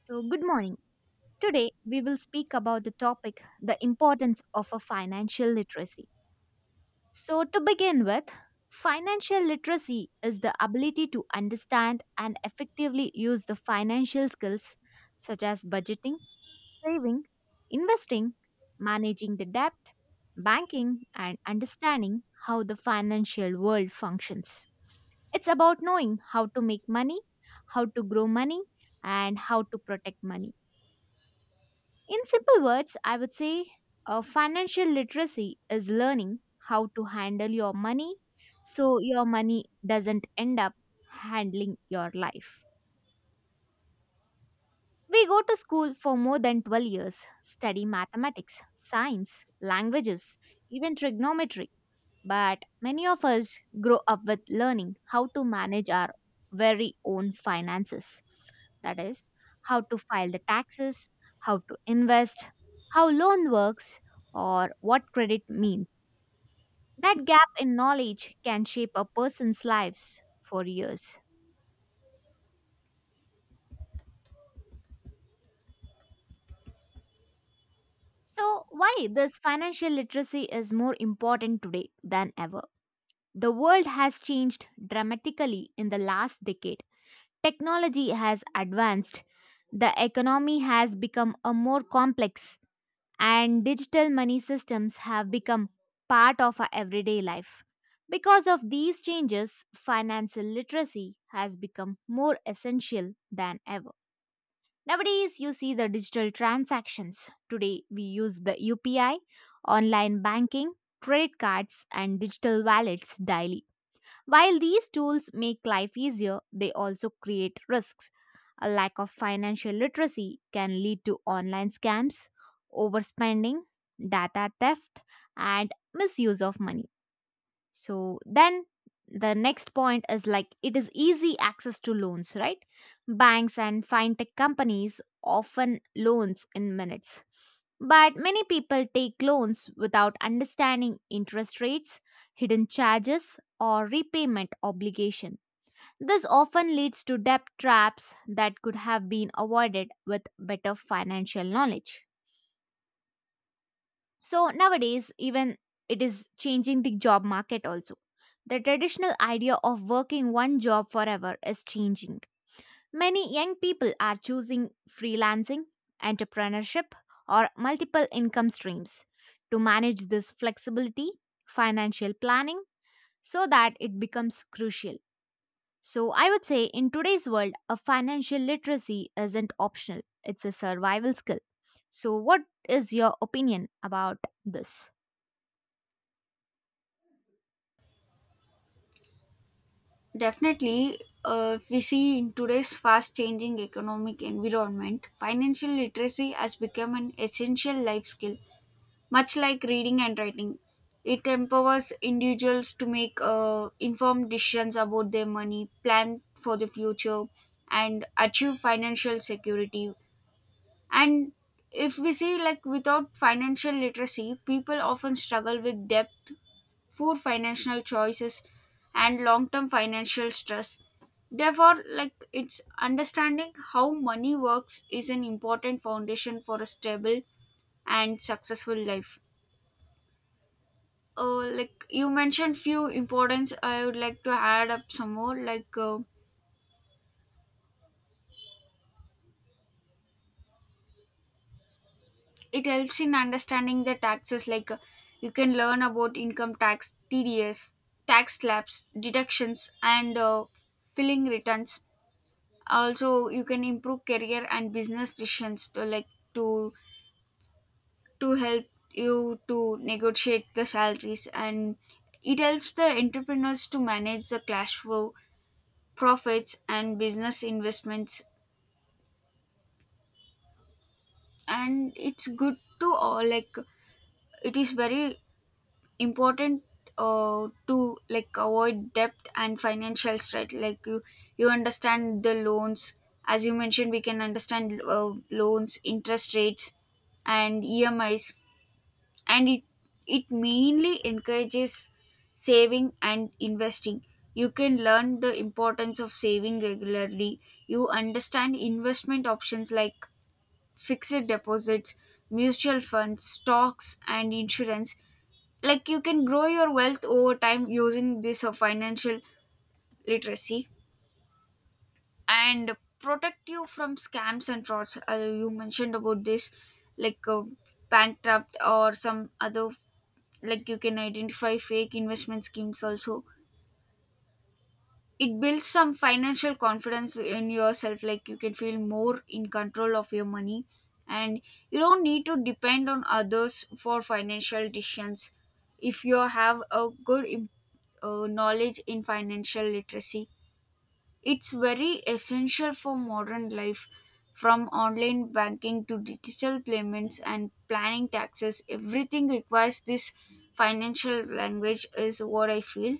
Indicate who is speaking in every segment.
Speaker 1: So, good morning. Today, we will speak about the topic the importance of a financial literacy. So, to begin with, financial literacy is the ability to understand and effectively use the financial skills such as budgeting, saving, investing, managing the debt, banking, and understanding how the financial world functions. It's about knowing how to make money, how to grow money, and how to protect money. In simple words, I would say financial literacy is learning how to handle your money so your money doesn't end up handling your life. We go to school for more than 12 years, study mathematics, science, languages, even trigonometry, but many of us grow up with learning how to manage our very own finances. That is, how to file the taxes, how to invest, how loan works, or what credit means. That gap in knowledge can shape a person's lives for years. So, why this financial literacy is more important today than ever? The world has changed dramatically in the last decade. Technology has advanced, the economy has become a more complex, and digital money systems have become part of our everyday life. Because of these changes, financial literacy has become more essential than ever. Nowadays, you see the digital transactions. Today, we use the UPI, online banking, credit cards, and digital wallets daily. While these tools make life easier, they also create risks. A lack of financial literacy can lead to online scams, overspending, data theft, and misuse of money. So, then the next point is like it is easy access to loans, right? Banks and fintech companies often loans in minutes. But many people take loans without understanding interest rates, hidden charges, or repayment obligation. This often leads to debt traps that could have been avoided with better financial knowledge. So nowadays, even it is changing the job market also. The traditional idea of working one job forever is changing. Many young people are choosing freelancing, entrepreneurship, or multiple income streams to manage this flexibility, financial planning, so that it becomes crucial. So, I would say in today's world, a financial literacy isn't optional, it's a survival skill. So, what is your opinion about this?
Speaker 2: Definitely, if we see in today's fast changing economic environment, financial literacy has become an essential life skill, much like reading and writing. It empowers individuals to make informed decisions about their money, plan for the future, and achieve financial security. And if we see, like, without financial literacy, people often struggle with debt poor financial choices, and long term financial stress. Therefore, like it's understanding how money works is an important foundation for a stable and successful life. Like you mentioned few importance I would like to add up some more like it helps in understanding the taxes like you can learn about income tax tds tax slabs deductions and filling returns also you can improve career and business decisions to like to to help you to negotiate the salaries and it helps the entrepreneurs to manage the cash flow profits and business investments and it's good to all like it is very important to like avoid debt and financial stress like you understand the loans as you mentioned we can understand loans interest rates and emis and it mainly encourages saving and investing you can learn the importance of saving regularly you understand investment options like fixed deposits mutual funds stocks and insurance like you can grow your wealth over time using this financial literacy and protect you from scams and frauds you mentioned about this like bankrupt or some other like you can identify fake investment schemes also it builds some financial confidence in yourself like you can feel more in control of your money and you don't need to depend on others for financial decisions if you have a good knowledge in financial literacy it's very essential for modern life from online banking to digital payments and planning taxes everything requires this financial language is what I feel.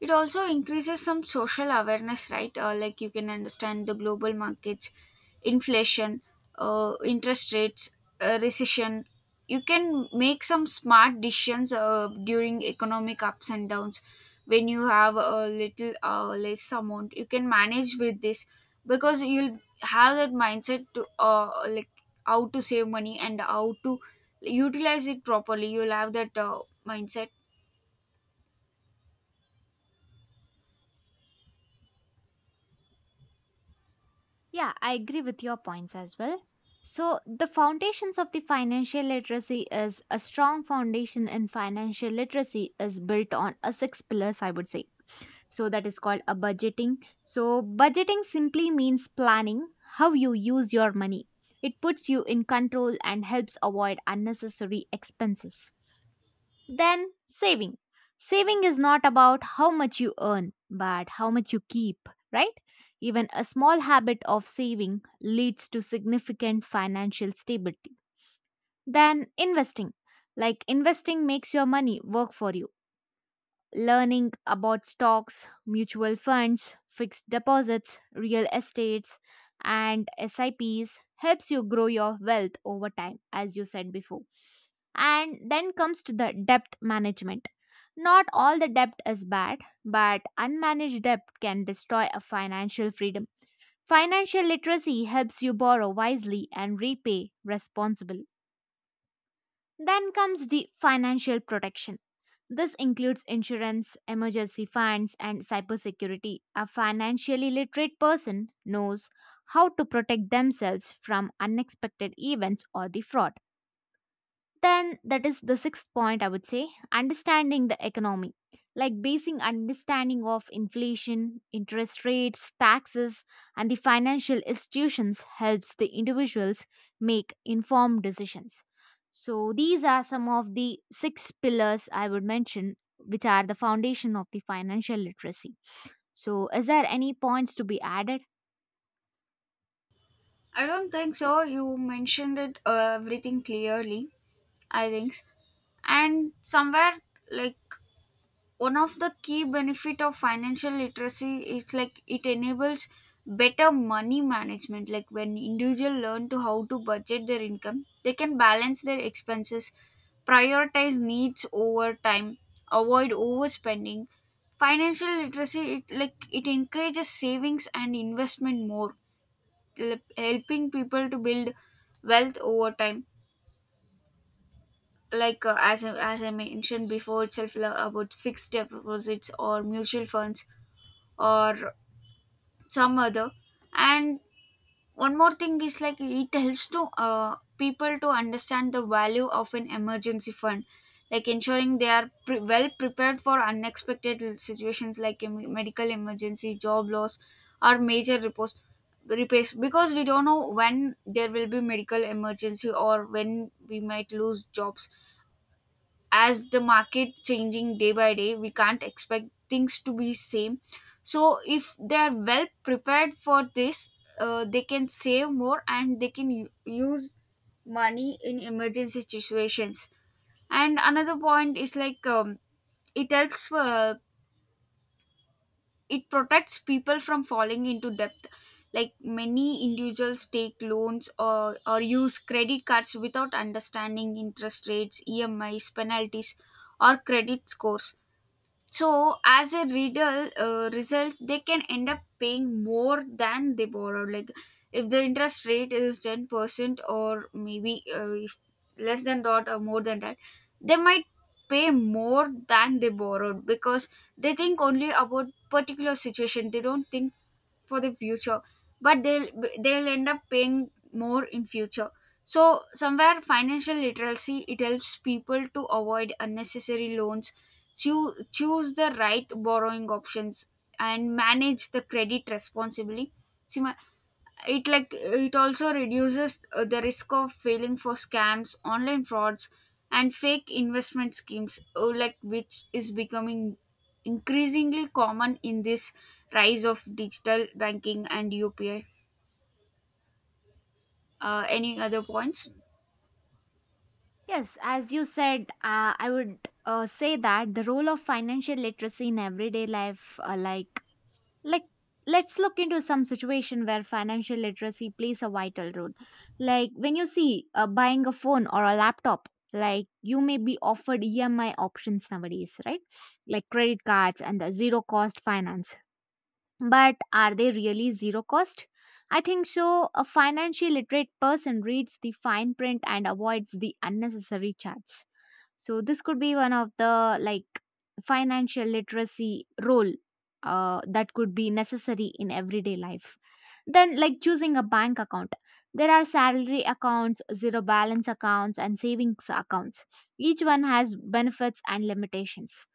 Speaker 2: It also increases some social awareness, right? Like you can understand the global markets, inflation, interest rates, recession. You can make some smart decisions during economic ups and downs. When you have a little less amount, you can manage with this because you'll have that mindset to like how to save money and how to utilize it properly. You'll have that mindset.
Speaker 1: Yeah, I agree with your points as well. So, the foundations of the financial literacy is a strong foundation in financial literacy is built on a six pillars, I would say. So, that is called a budgeting. So, budgeting simply means planning how you use your money. It puts you in control and helps avoid unnecessary expenses. Then saving. Saving is not about how much you earn, but how much you keep, right? Even a small habit of saving leads to significant financial stability. Then investing. Like investing makes your money work for you. Learning about stocks, mutual funds, fixed deposits, real estates, and SIPs helps you grow your wealth over time, as you said before. And then comes to the debt management not all the debt is bad, but unmanaged debt can destroy a financial freedom. Financial literacy helps you borrow wisely and repay responsibly. Then comes the financial protection. This includes insurance, emergency funds, and cybersecurity. A financially literate person knows how to protect themselves from unexpected events or the fraud. Then, that is the sixth point, I would say understanding the economy, like basing understanding of inflation, interest rates, taxes, and the financial institutions helps the individuals make informed decisions. So, these are some of the six pillars I would mention, which are the foundation of the financial literacy. So, is there any points to be added?
Speaker 2: I don't think so. You mentioned it everything clearly, I think. And somewhere like one of the key benefit of financial literacy is like it enables better money management like when individual learn to how to budget their income they can balance their expenses prioritize needs over time avoid overspending financial literacy it like it encourages savings and investment more helping people to build wealth over time like as I mentioned before itself about fixed deposits or mutual funds or some other and one more thing is like it helps to people to understand the value of an emergency fund, like ensuring they are well prepared for unexpected situations like medical emergency, job loss, or major repairs. Because we don't know when there will be medical emergency or when we might lose jobs as the market changing day by day we can't expect things to be same so if they are well prepared for this they can save more and they can use money in emergency situations and another point is like it helps it protects people from falling into debt like many individuals take loans or use credit cards without understanding interest rates emis penalties or credit scores so, as a riddle result, they can end up paying more than they borrowed. Like, if the interest rate is 10%, or maybe if less than that or more than that, they might pay more than they borrowed because they think only about particular situation. They don't think for the future, but they'll end up paying more in future. So somewhere financial literacy it helps people to avoid unnecessary loans choose the right borrowing options and manage the credit responsibly. See, it like it also reduces the risk of failing for scams, online frauds, and fake investment schemes, like which is becoming increasingly common in this rise of digital banking and UPI. Any other points?
Speaker 1: Yes, as you said, I would say that the role of financial literacy in everyday life, like let's look into some situation where financial literacy plays a vital role. Like when you see buying a phone or a laptop, like you may be offered EMI options nowadays, right? Like credit cards and the zero cost finance. But are they really zero cost? I think so. A financially literate person reads the fine print and avoids the unnecessary charge so this could be one of the like financial literacy role that could be necessary in everyday life. Then like choosing a bank account. There are salary accounts, zero balance accounts and savings accounts. Each one has benefits and limitations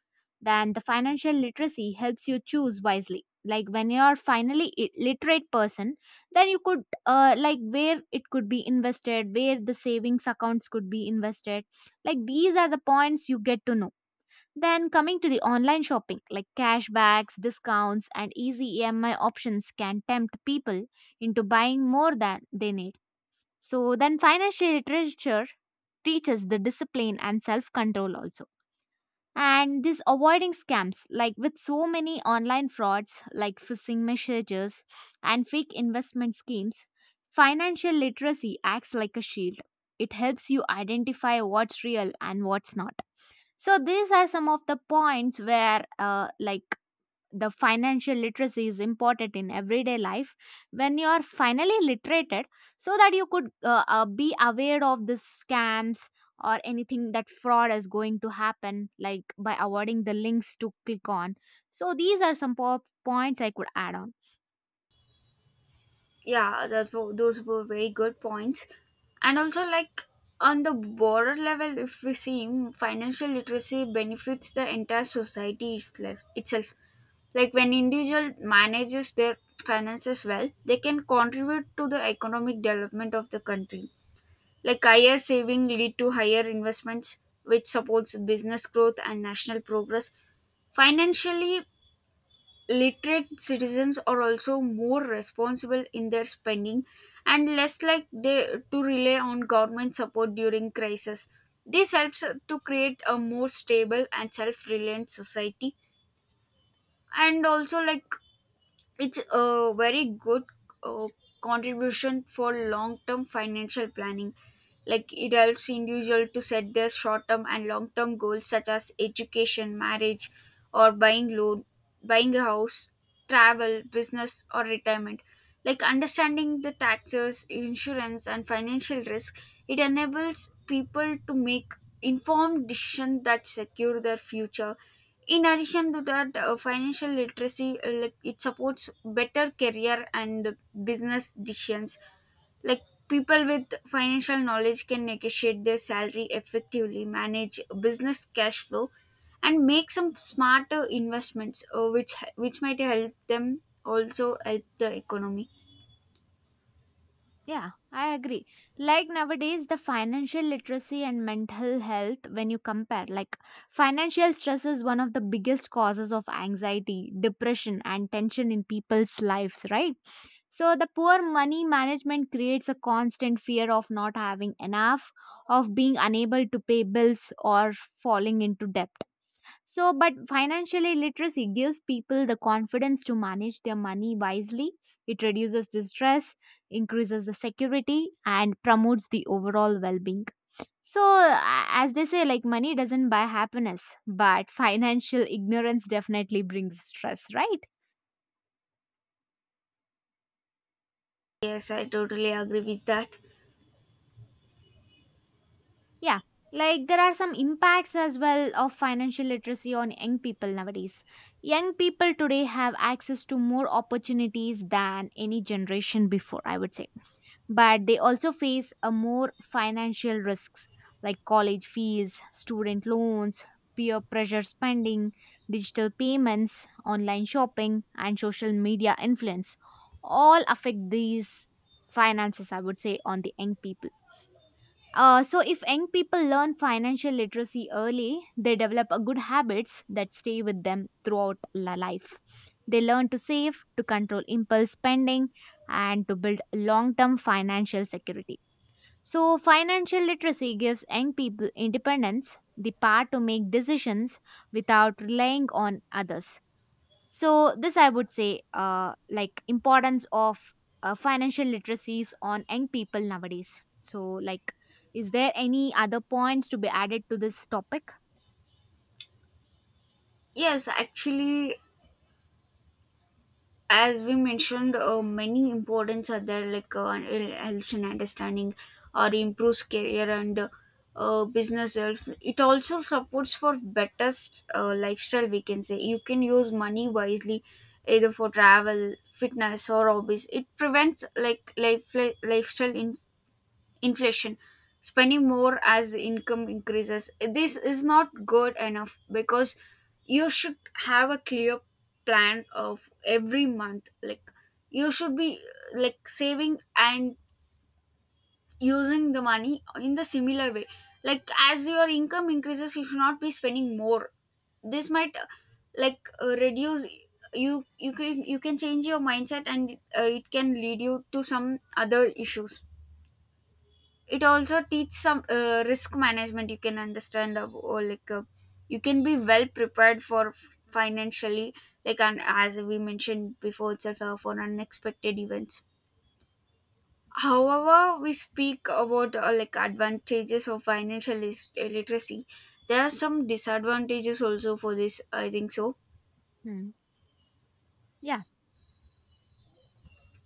Speaker 1: then the financial literacy helps you choose wisely like when you are finally literate person then you could like where it could be invested where the savings accounts could be invested like these are the points you get to know then coming to the online shopping like cashbacks discounts and easy EMI options can tempt people into buying more than they need so then financial literature teaches the discipline and self control also and this avoiding scams, like with so many online frauds, like phishing messages and fake investment schemes, financial literacy acts like a shield. It helps you identify what's real and what's not. So these are some of the points where, like the financial literacy is important in everyday life when you are finally literated so that you could be aware of the scams or anything that fraud is going to happen like by avoiding the links to click on so these are some points I could add on
Speaker 2: Yeah that those were very good points and also like on the broader level if we see financial literacy benefits the entire society itself. Like when individual manages their finances well they can contribute to the economic development of the country like higher saving lead to higher investments which supports business growth and national progress financially literate citizens are also more responsible in their spending and less like they to rely on government support during crisis. This helps to create a more stable and self-reliant society and also like it's a very good uh, contribution for long term financial planning. Like it helps individual to set their short term and long term goals such as education, marriage, or buying loan, buying a house, travel, business, or retirement. Like understanding the taxes, insurance, and financial risk, it enables people to make informed decisions that secure their future in addition to that financial literacy like it supports better career and business decisions like people with financial knowledge can negotiate their salary effectively manage business cash flow and make some smarter investments which might help them also help the economy.
Speaker 1: yeah I agree like nowadays the financial literacy and mental health when you compare like financial stress is one of the biggest causes of anxiety depression and tension in people's lives right. So the poor money management creates a constant fear of not having enough, of being unable to pay bills or falling into debt. So but financially literacy gives people the confidence to manage their money wisely. It reduces the stress, increases the security and promotes the overall well-being. So as they say like money doesn't buy happiness, but financial ignorance definitely brings stress, right?
Speaker 2: Yes I totally agree with that.
Speaker 1: Yeah, like there are some impacts as well of financial literacy on young people nowadays. Young people today have access to more opportunities than any generation before, I would say. But they also face a more financial risks like college fees, student loans, peer pressure spending, digital payments, online shopping, and social media influence all affect these finances, I would say, on the young people so, if young people learn financial literacy early, they develop a good habits that stay with them throughout life. They learn to save, to control impulse spending, and to build long term financial security. So, financial literacy gives young people independence, the power to make decisions without relying on others so this I would say like importance of financial literacies on young people nowadays so like is there any other points to be added to this topic
Speaker 2: Yes actually as we mentioned many importance are there like and it helps in understanding or improves career and business health. It also supports for better lifestyle we can say you can use money wisely either for travel fitness or hobbies it prevents lifestyle inflation spending more as income increases this is not good enough because you should have a clear plan of every month like you should be like saving and using the money in the similar way like as your income increases you should not be spending more this might reduce you can you can change your mindset and it can lead you to some other issues it also teach some risk management you can understand or like you can be well prepared for financially like and as we mentioned before itself for unexpected events however we speak about like advantages of financial literacy there are some disadvantages also for this I think so.
Speaker 1: hmm. Yeah.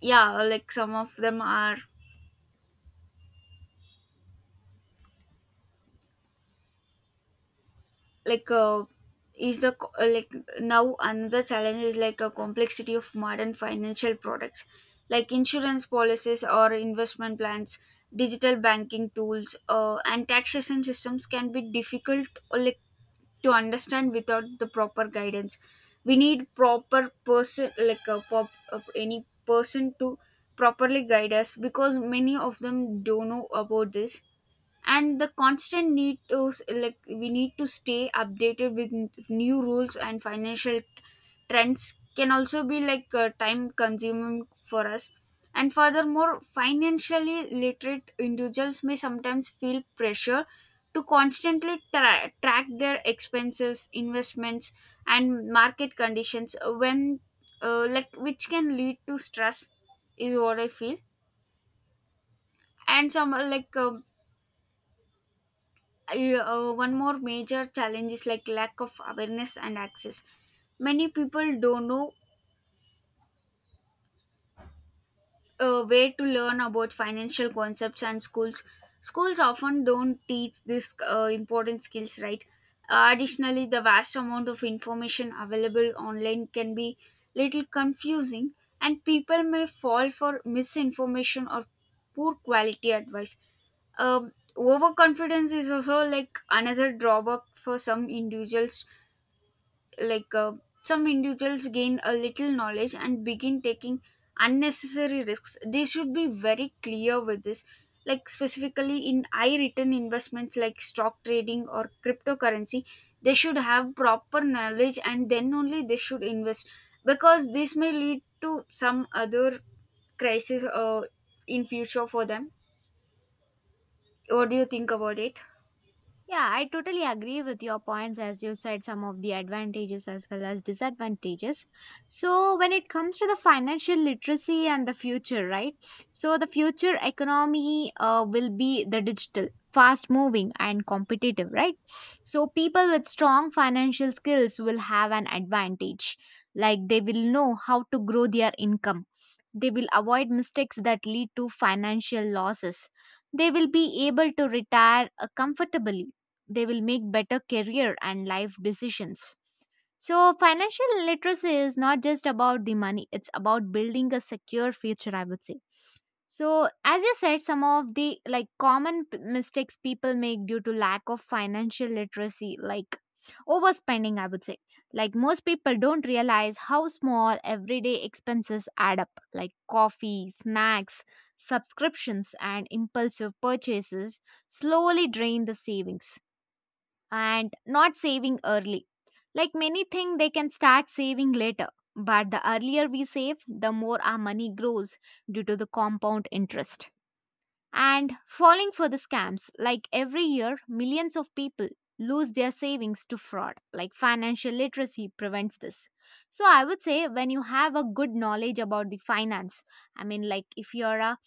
Speaker 2: Yeah like some of them are like is the co- uh, like now another challenge is like a complexity of modern financial products like insurance policies or investment plans digital banking tools and taxation systems can be difficult or like to understand without the proper guidance we need proper person like a pop any person to properly guide us because many of them don't know about this and the constant need to like we need to stay updated with new rules and financial trends can also be like time consuming for us and furthermore financially literate individuals may sometimes feel pressure to constantly track their expenses investments and market conditions when like which can lead to stress is what I feel and some one more major challenge is like lack of awareness and access many people don't know where to learn about financial concepts and schools often don't teach this important skills right. Additionally the vast amount of information available online can be little confusing and people may fall for misinformation or poor quality advice. Um Overconfidence is also like another drawback for some individuals like some individuals gain a little knowledge and begin taking unnecessary risks they should be very clear with this like specifically in high return investments like stock trading or cryptocurrency they should have proper knowledge and then only they should invest because this may lead to some other crisis in future for them what do you think about it?
Speaker 1: Yeah, I totally agree with your points as you said some of the advantages as well as disadvantages. So, when it comes to the financial literacy and the future, right? So, the future economy will be the digital, fast moving, and competitive, right? So, people with strong financial skills will have an advantage, like they will know how to grow their income they will avoid mistakes that lead to financial losses. They will be able to retire comfortably. They will make better career and life decisions. So, financial literacy is not just about the money, it's about building a secure future, I would say. So, as you said, some of the like common mistakes people make due to lack of financial literacy, like overspending, I would say. Like most people don't realize how small everyday expenses add up, like coffee, snacks, subscriptions, and impulsive purchases slowly drain the savings and not saving early. Like many think they can start saving later, but the earlier we save, the more our money grows due to the compound interest. And falling for the scams, like every year, millions of people lose their savings to fraud. Like financial literacy prevents this. So I would say when you have a good knowledge about the finance, I mean, like if you're a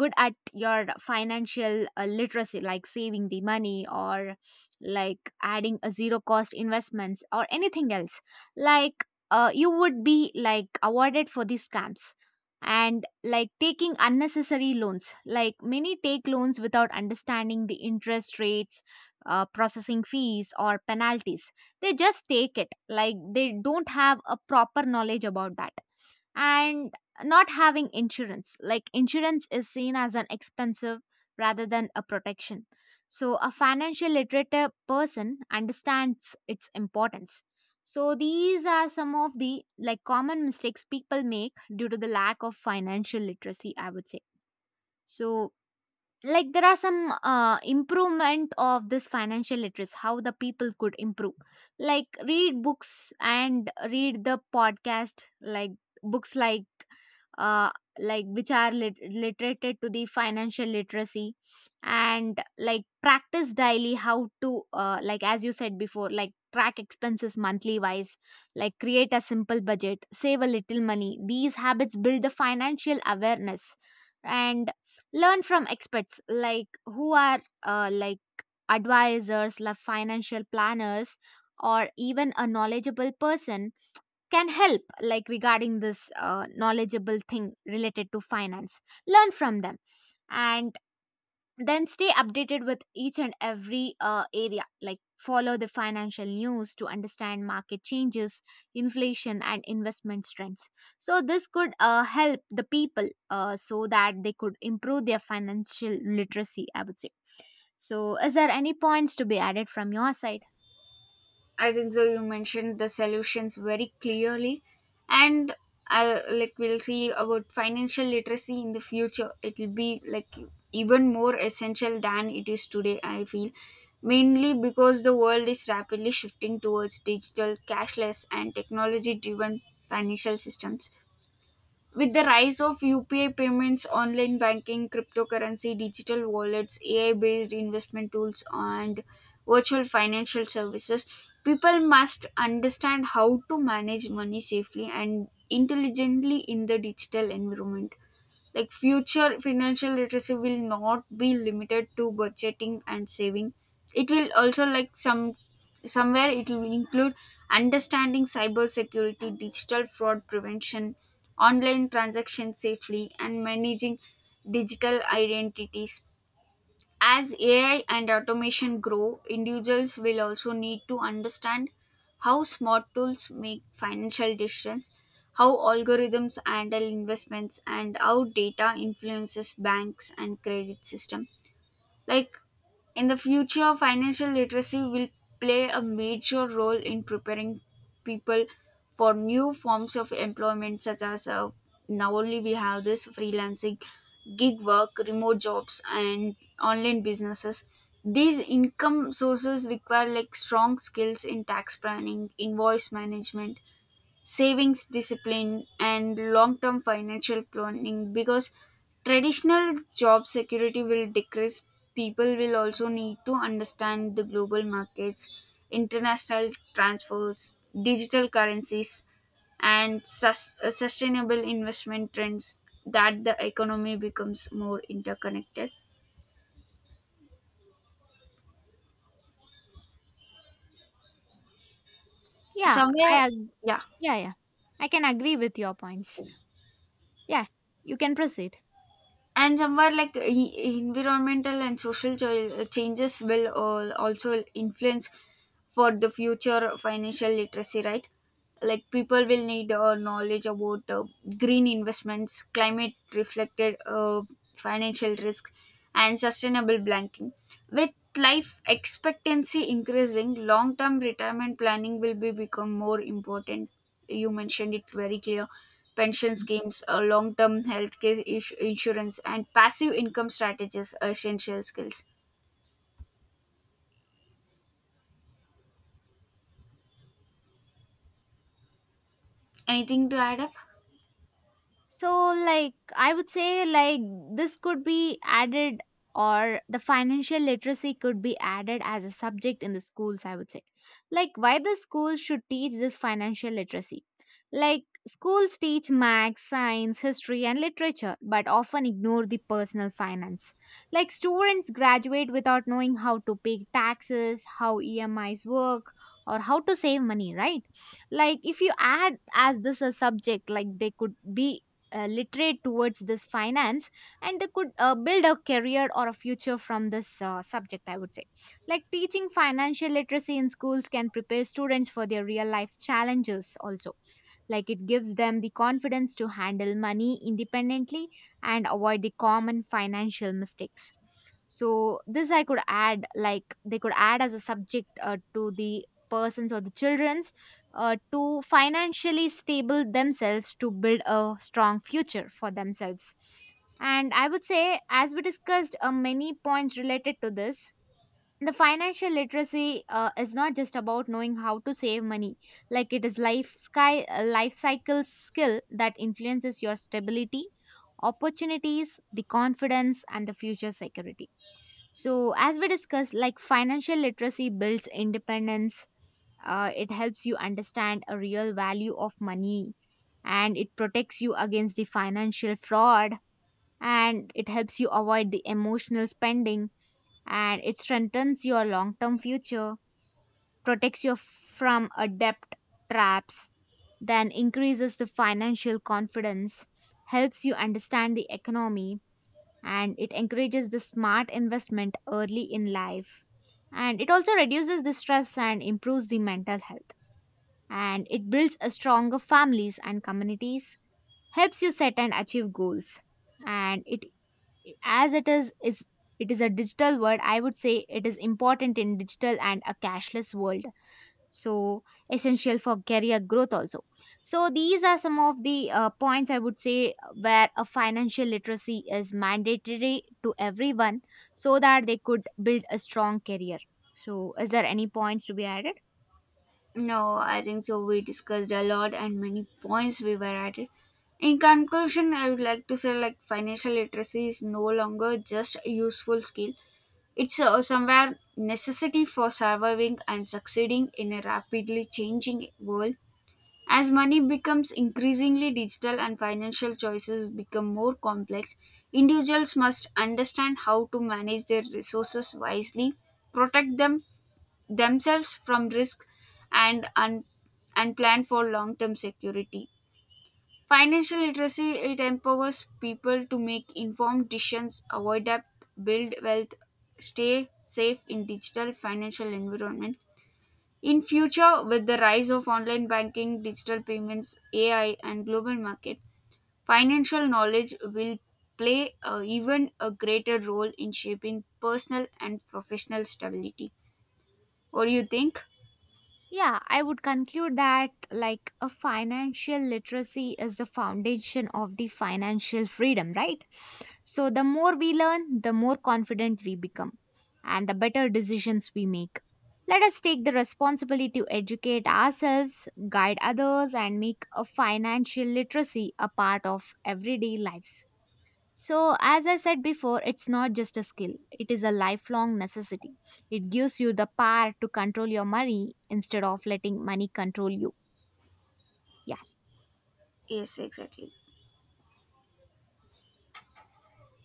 Speaker 1: good at your financial literacy, like saving the money or like adding a zero cost investments or anything else like you would be like awarded for these scams, and like taking unnecessary loans, like many take loans without understanding the interest rates, processing fees or penalties. They just take it, like they don't have a proper knowledge about that. And not having insurance, like insurance is seen as an expensive rather than a protection. So a financial literate person understands its importance. So these are some of the like common mistakes people make due to the lack of financial literacy, I would say. So like there are some improvement of this financial literacy, how the people could improve. Like read books and read the podcast, like books uh, like which are literated to the financial literacy. And like practice daily how to like as you said before, like track expenses monthly wise, like create a simple budget, save a little money. These habits build the financial awareness. And learn from experts, like who are like advisors, like financial planners or even a knowledgeable person can help, like regarding this knowledgeable thing related to finance. Learn from them. And then stay updated with each and every area, like follow the financial news to understand market changes, inflation and investment trends. So this could help the people, so that they could improve their financial literacy, I would say. So is there any points to be added from your side?
Speaker 2: I think so. You mentioned the solutions very clearly, and I like we'll see about financial literacy in the future. It will be like even more essential than it is today. I feel mainly because the world is rapidly shifting towards digital, cashless, and technology-driven financial systems with the rise of UPI payments, online banking, cryptocurrency, digital wallets, AI based investment tools, and virtual financial services, people must understand how to manage money safely and intelligently in the digital environment. Like future financial literacy will not be limited to budgeting and saving. It will also like some somewhere it will include understanding cyber security, digital fraud prevention, online transaction safely, and managing digital identities as AI and automation grow, individuals will also need to understand how smart tools make financial decisions, how algorithms handle investments, and how data influences banks and credit system. Like in the future, financial literacy will play a major role in preparing people for new forms of employment, such as now only we have this freelancing, gig work, remote jobs, and online businesses. These income sources require like strong skills in tax planning, invoice management, savings discipline, and long term financial planning because traditional job security will decrease. People will also need to understand the global markets, international transfers, digital currencies, and sustainable investment trends that the economy becomes more interconnected.
Speaker 1: yeah i
Speaker 2: Somewhere,
Speaker 1: ag-
Speaker 2: yeah.
Speaker 1: Yeah, yeah, I can agree with your points. Yeah, you can proceed.
Speaker 2: And somewhere like environmental and social changes will all also influence for the future financial literacy right like people will need knowledge about green investments climate reflected financial risk and sustainable banking with life expectancy increasing long term retirement planning will be become more important you mentioned it very clear pension schemes long term healthcare insurance and passive income strategies are essential skills anything to add up.
Speaker 1: So, like, I would say, like, this could be added, or the financial literacy could be added as a subject in the schools, I would say. Like, why the schools should teach this financial literacy? Like, schools teach math, science, history, and literature, but often ignore the personal finance. Like, students graduate without knowing how to pay taxes, how EMIs work, or how to save money, right? Like if you add as this a subject, like they could be literate towards this finance, and they could build a career or a future from this subject, I would say. Like teaching financial literacy in schools can prepare students for their real life challenges also. Like it gives them the confidence to handle money independently and avoid the common financial mistakes. So this I could add, like they could add as a subject to the persons or the children's, to financially stable themselves, to build a strong future for themselves. And I would say, as we discussed, many points related to this, the financial literacy is not just about knowing how to save money. Like it is life cycle skill that influences your stability, opportunities, the confidence and the future security. So, as we discussed, like financial literacy builds independence, it helps you understand a real value of money, and it protects you against the financial fraud, and it helps you avoid the emotional spending, and it strengthens your long term future, protects you from a debt traps, then increases the financial confidence, helps you understand the economy, and it encourages the smart investment early in life, and it also reduces the stress and improves the mental health, and it builds a stronger families and communities, helps you set and achieve goals, and it as it is it is a digital world, I would say, it is important in digital and a cashless world. So essential for career growth also. So these are some of the points I would say where a financial literacy is mandatory to everyone, so that they could build a strong career. So is there any points to be added?
Speaker 2: No, I think so. We discussed a lot and many points we were at it. In conclusion, I would like to say like financial literacy is no longer just a useful skill. It's somewhere necessity for surviving and succeeding in a rapidly changing world. As money becomes increasingly digital and financial choices become more complex, individuals must understand how to manage their resources wisely, protect them themselves from risk and un- and plan for long-term security. Financial literacy it empowers people to make informed decisions, avoid debt, build wealth, stay safe in digital financial environment. In future, with the rise of online banking, digital payments, AI, and global market, financial knowledge will play a, even a greater role in shaping personal and professional stability. What do you think?
Speaker 1: Yeah, I would conclude that like a financial literacy is the foundation of the financial freedom, right? So, the more we learn, the more confident we become and the better decisions we make. Let us take the responsibility to educate ourselves, guide others, and make a financial literacy a part of everyday lives. So, as I said before, it's not just a skill, it is a lifelong necessity. It gives you the power to control your money instead of letting money control you.
Speaker 2: Yes, exactly.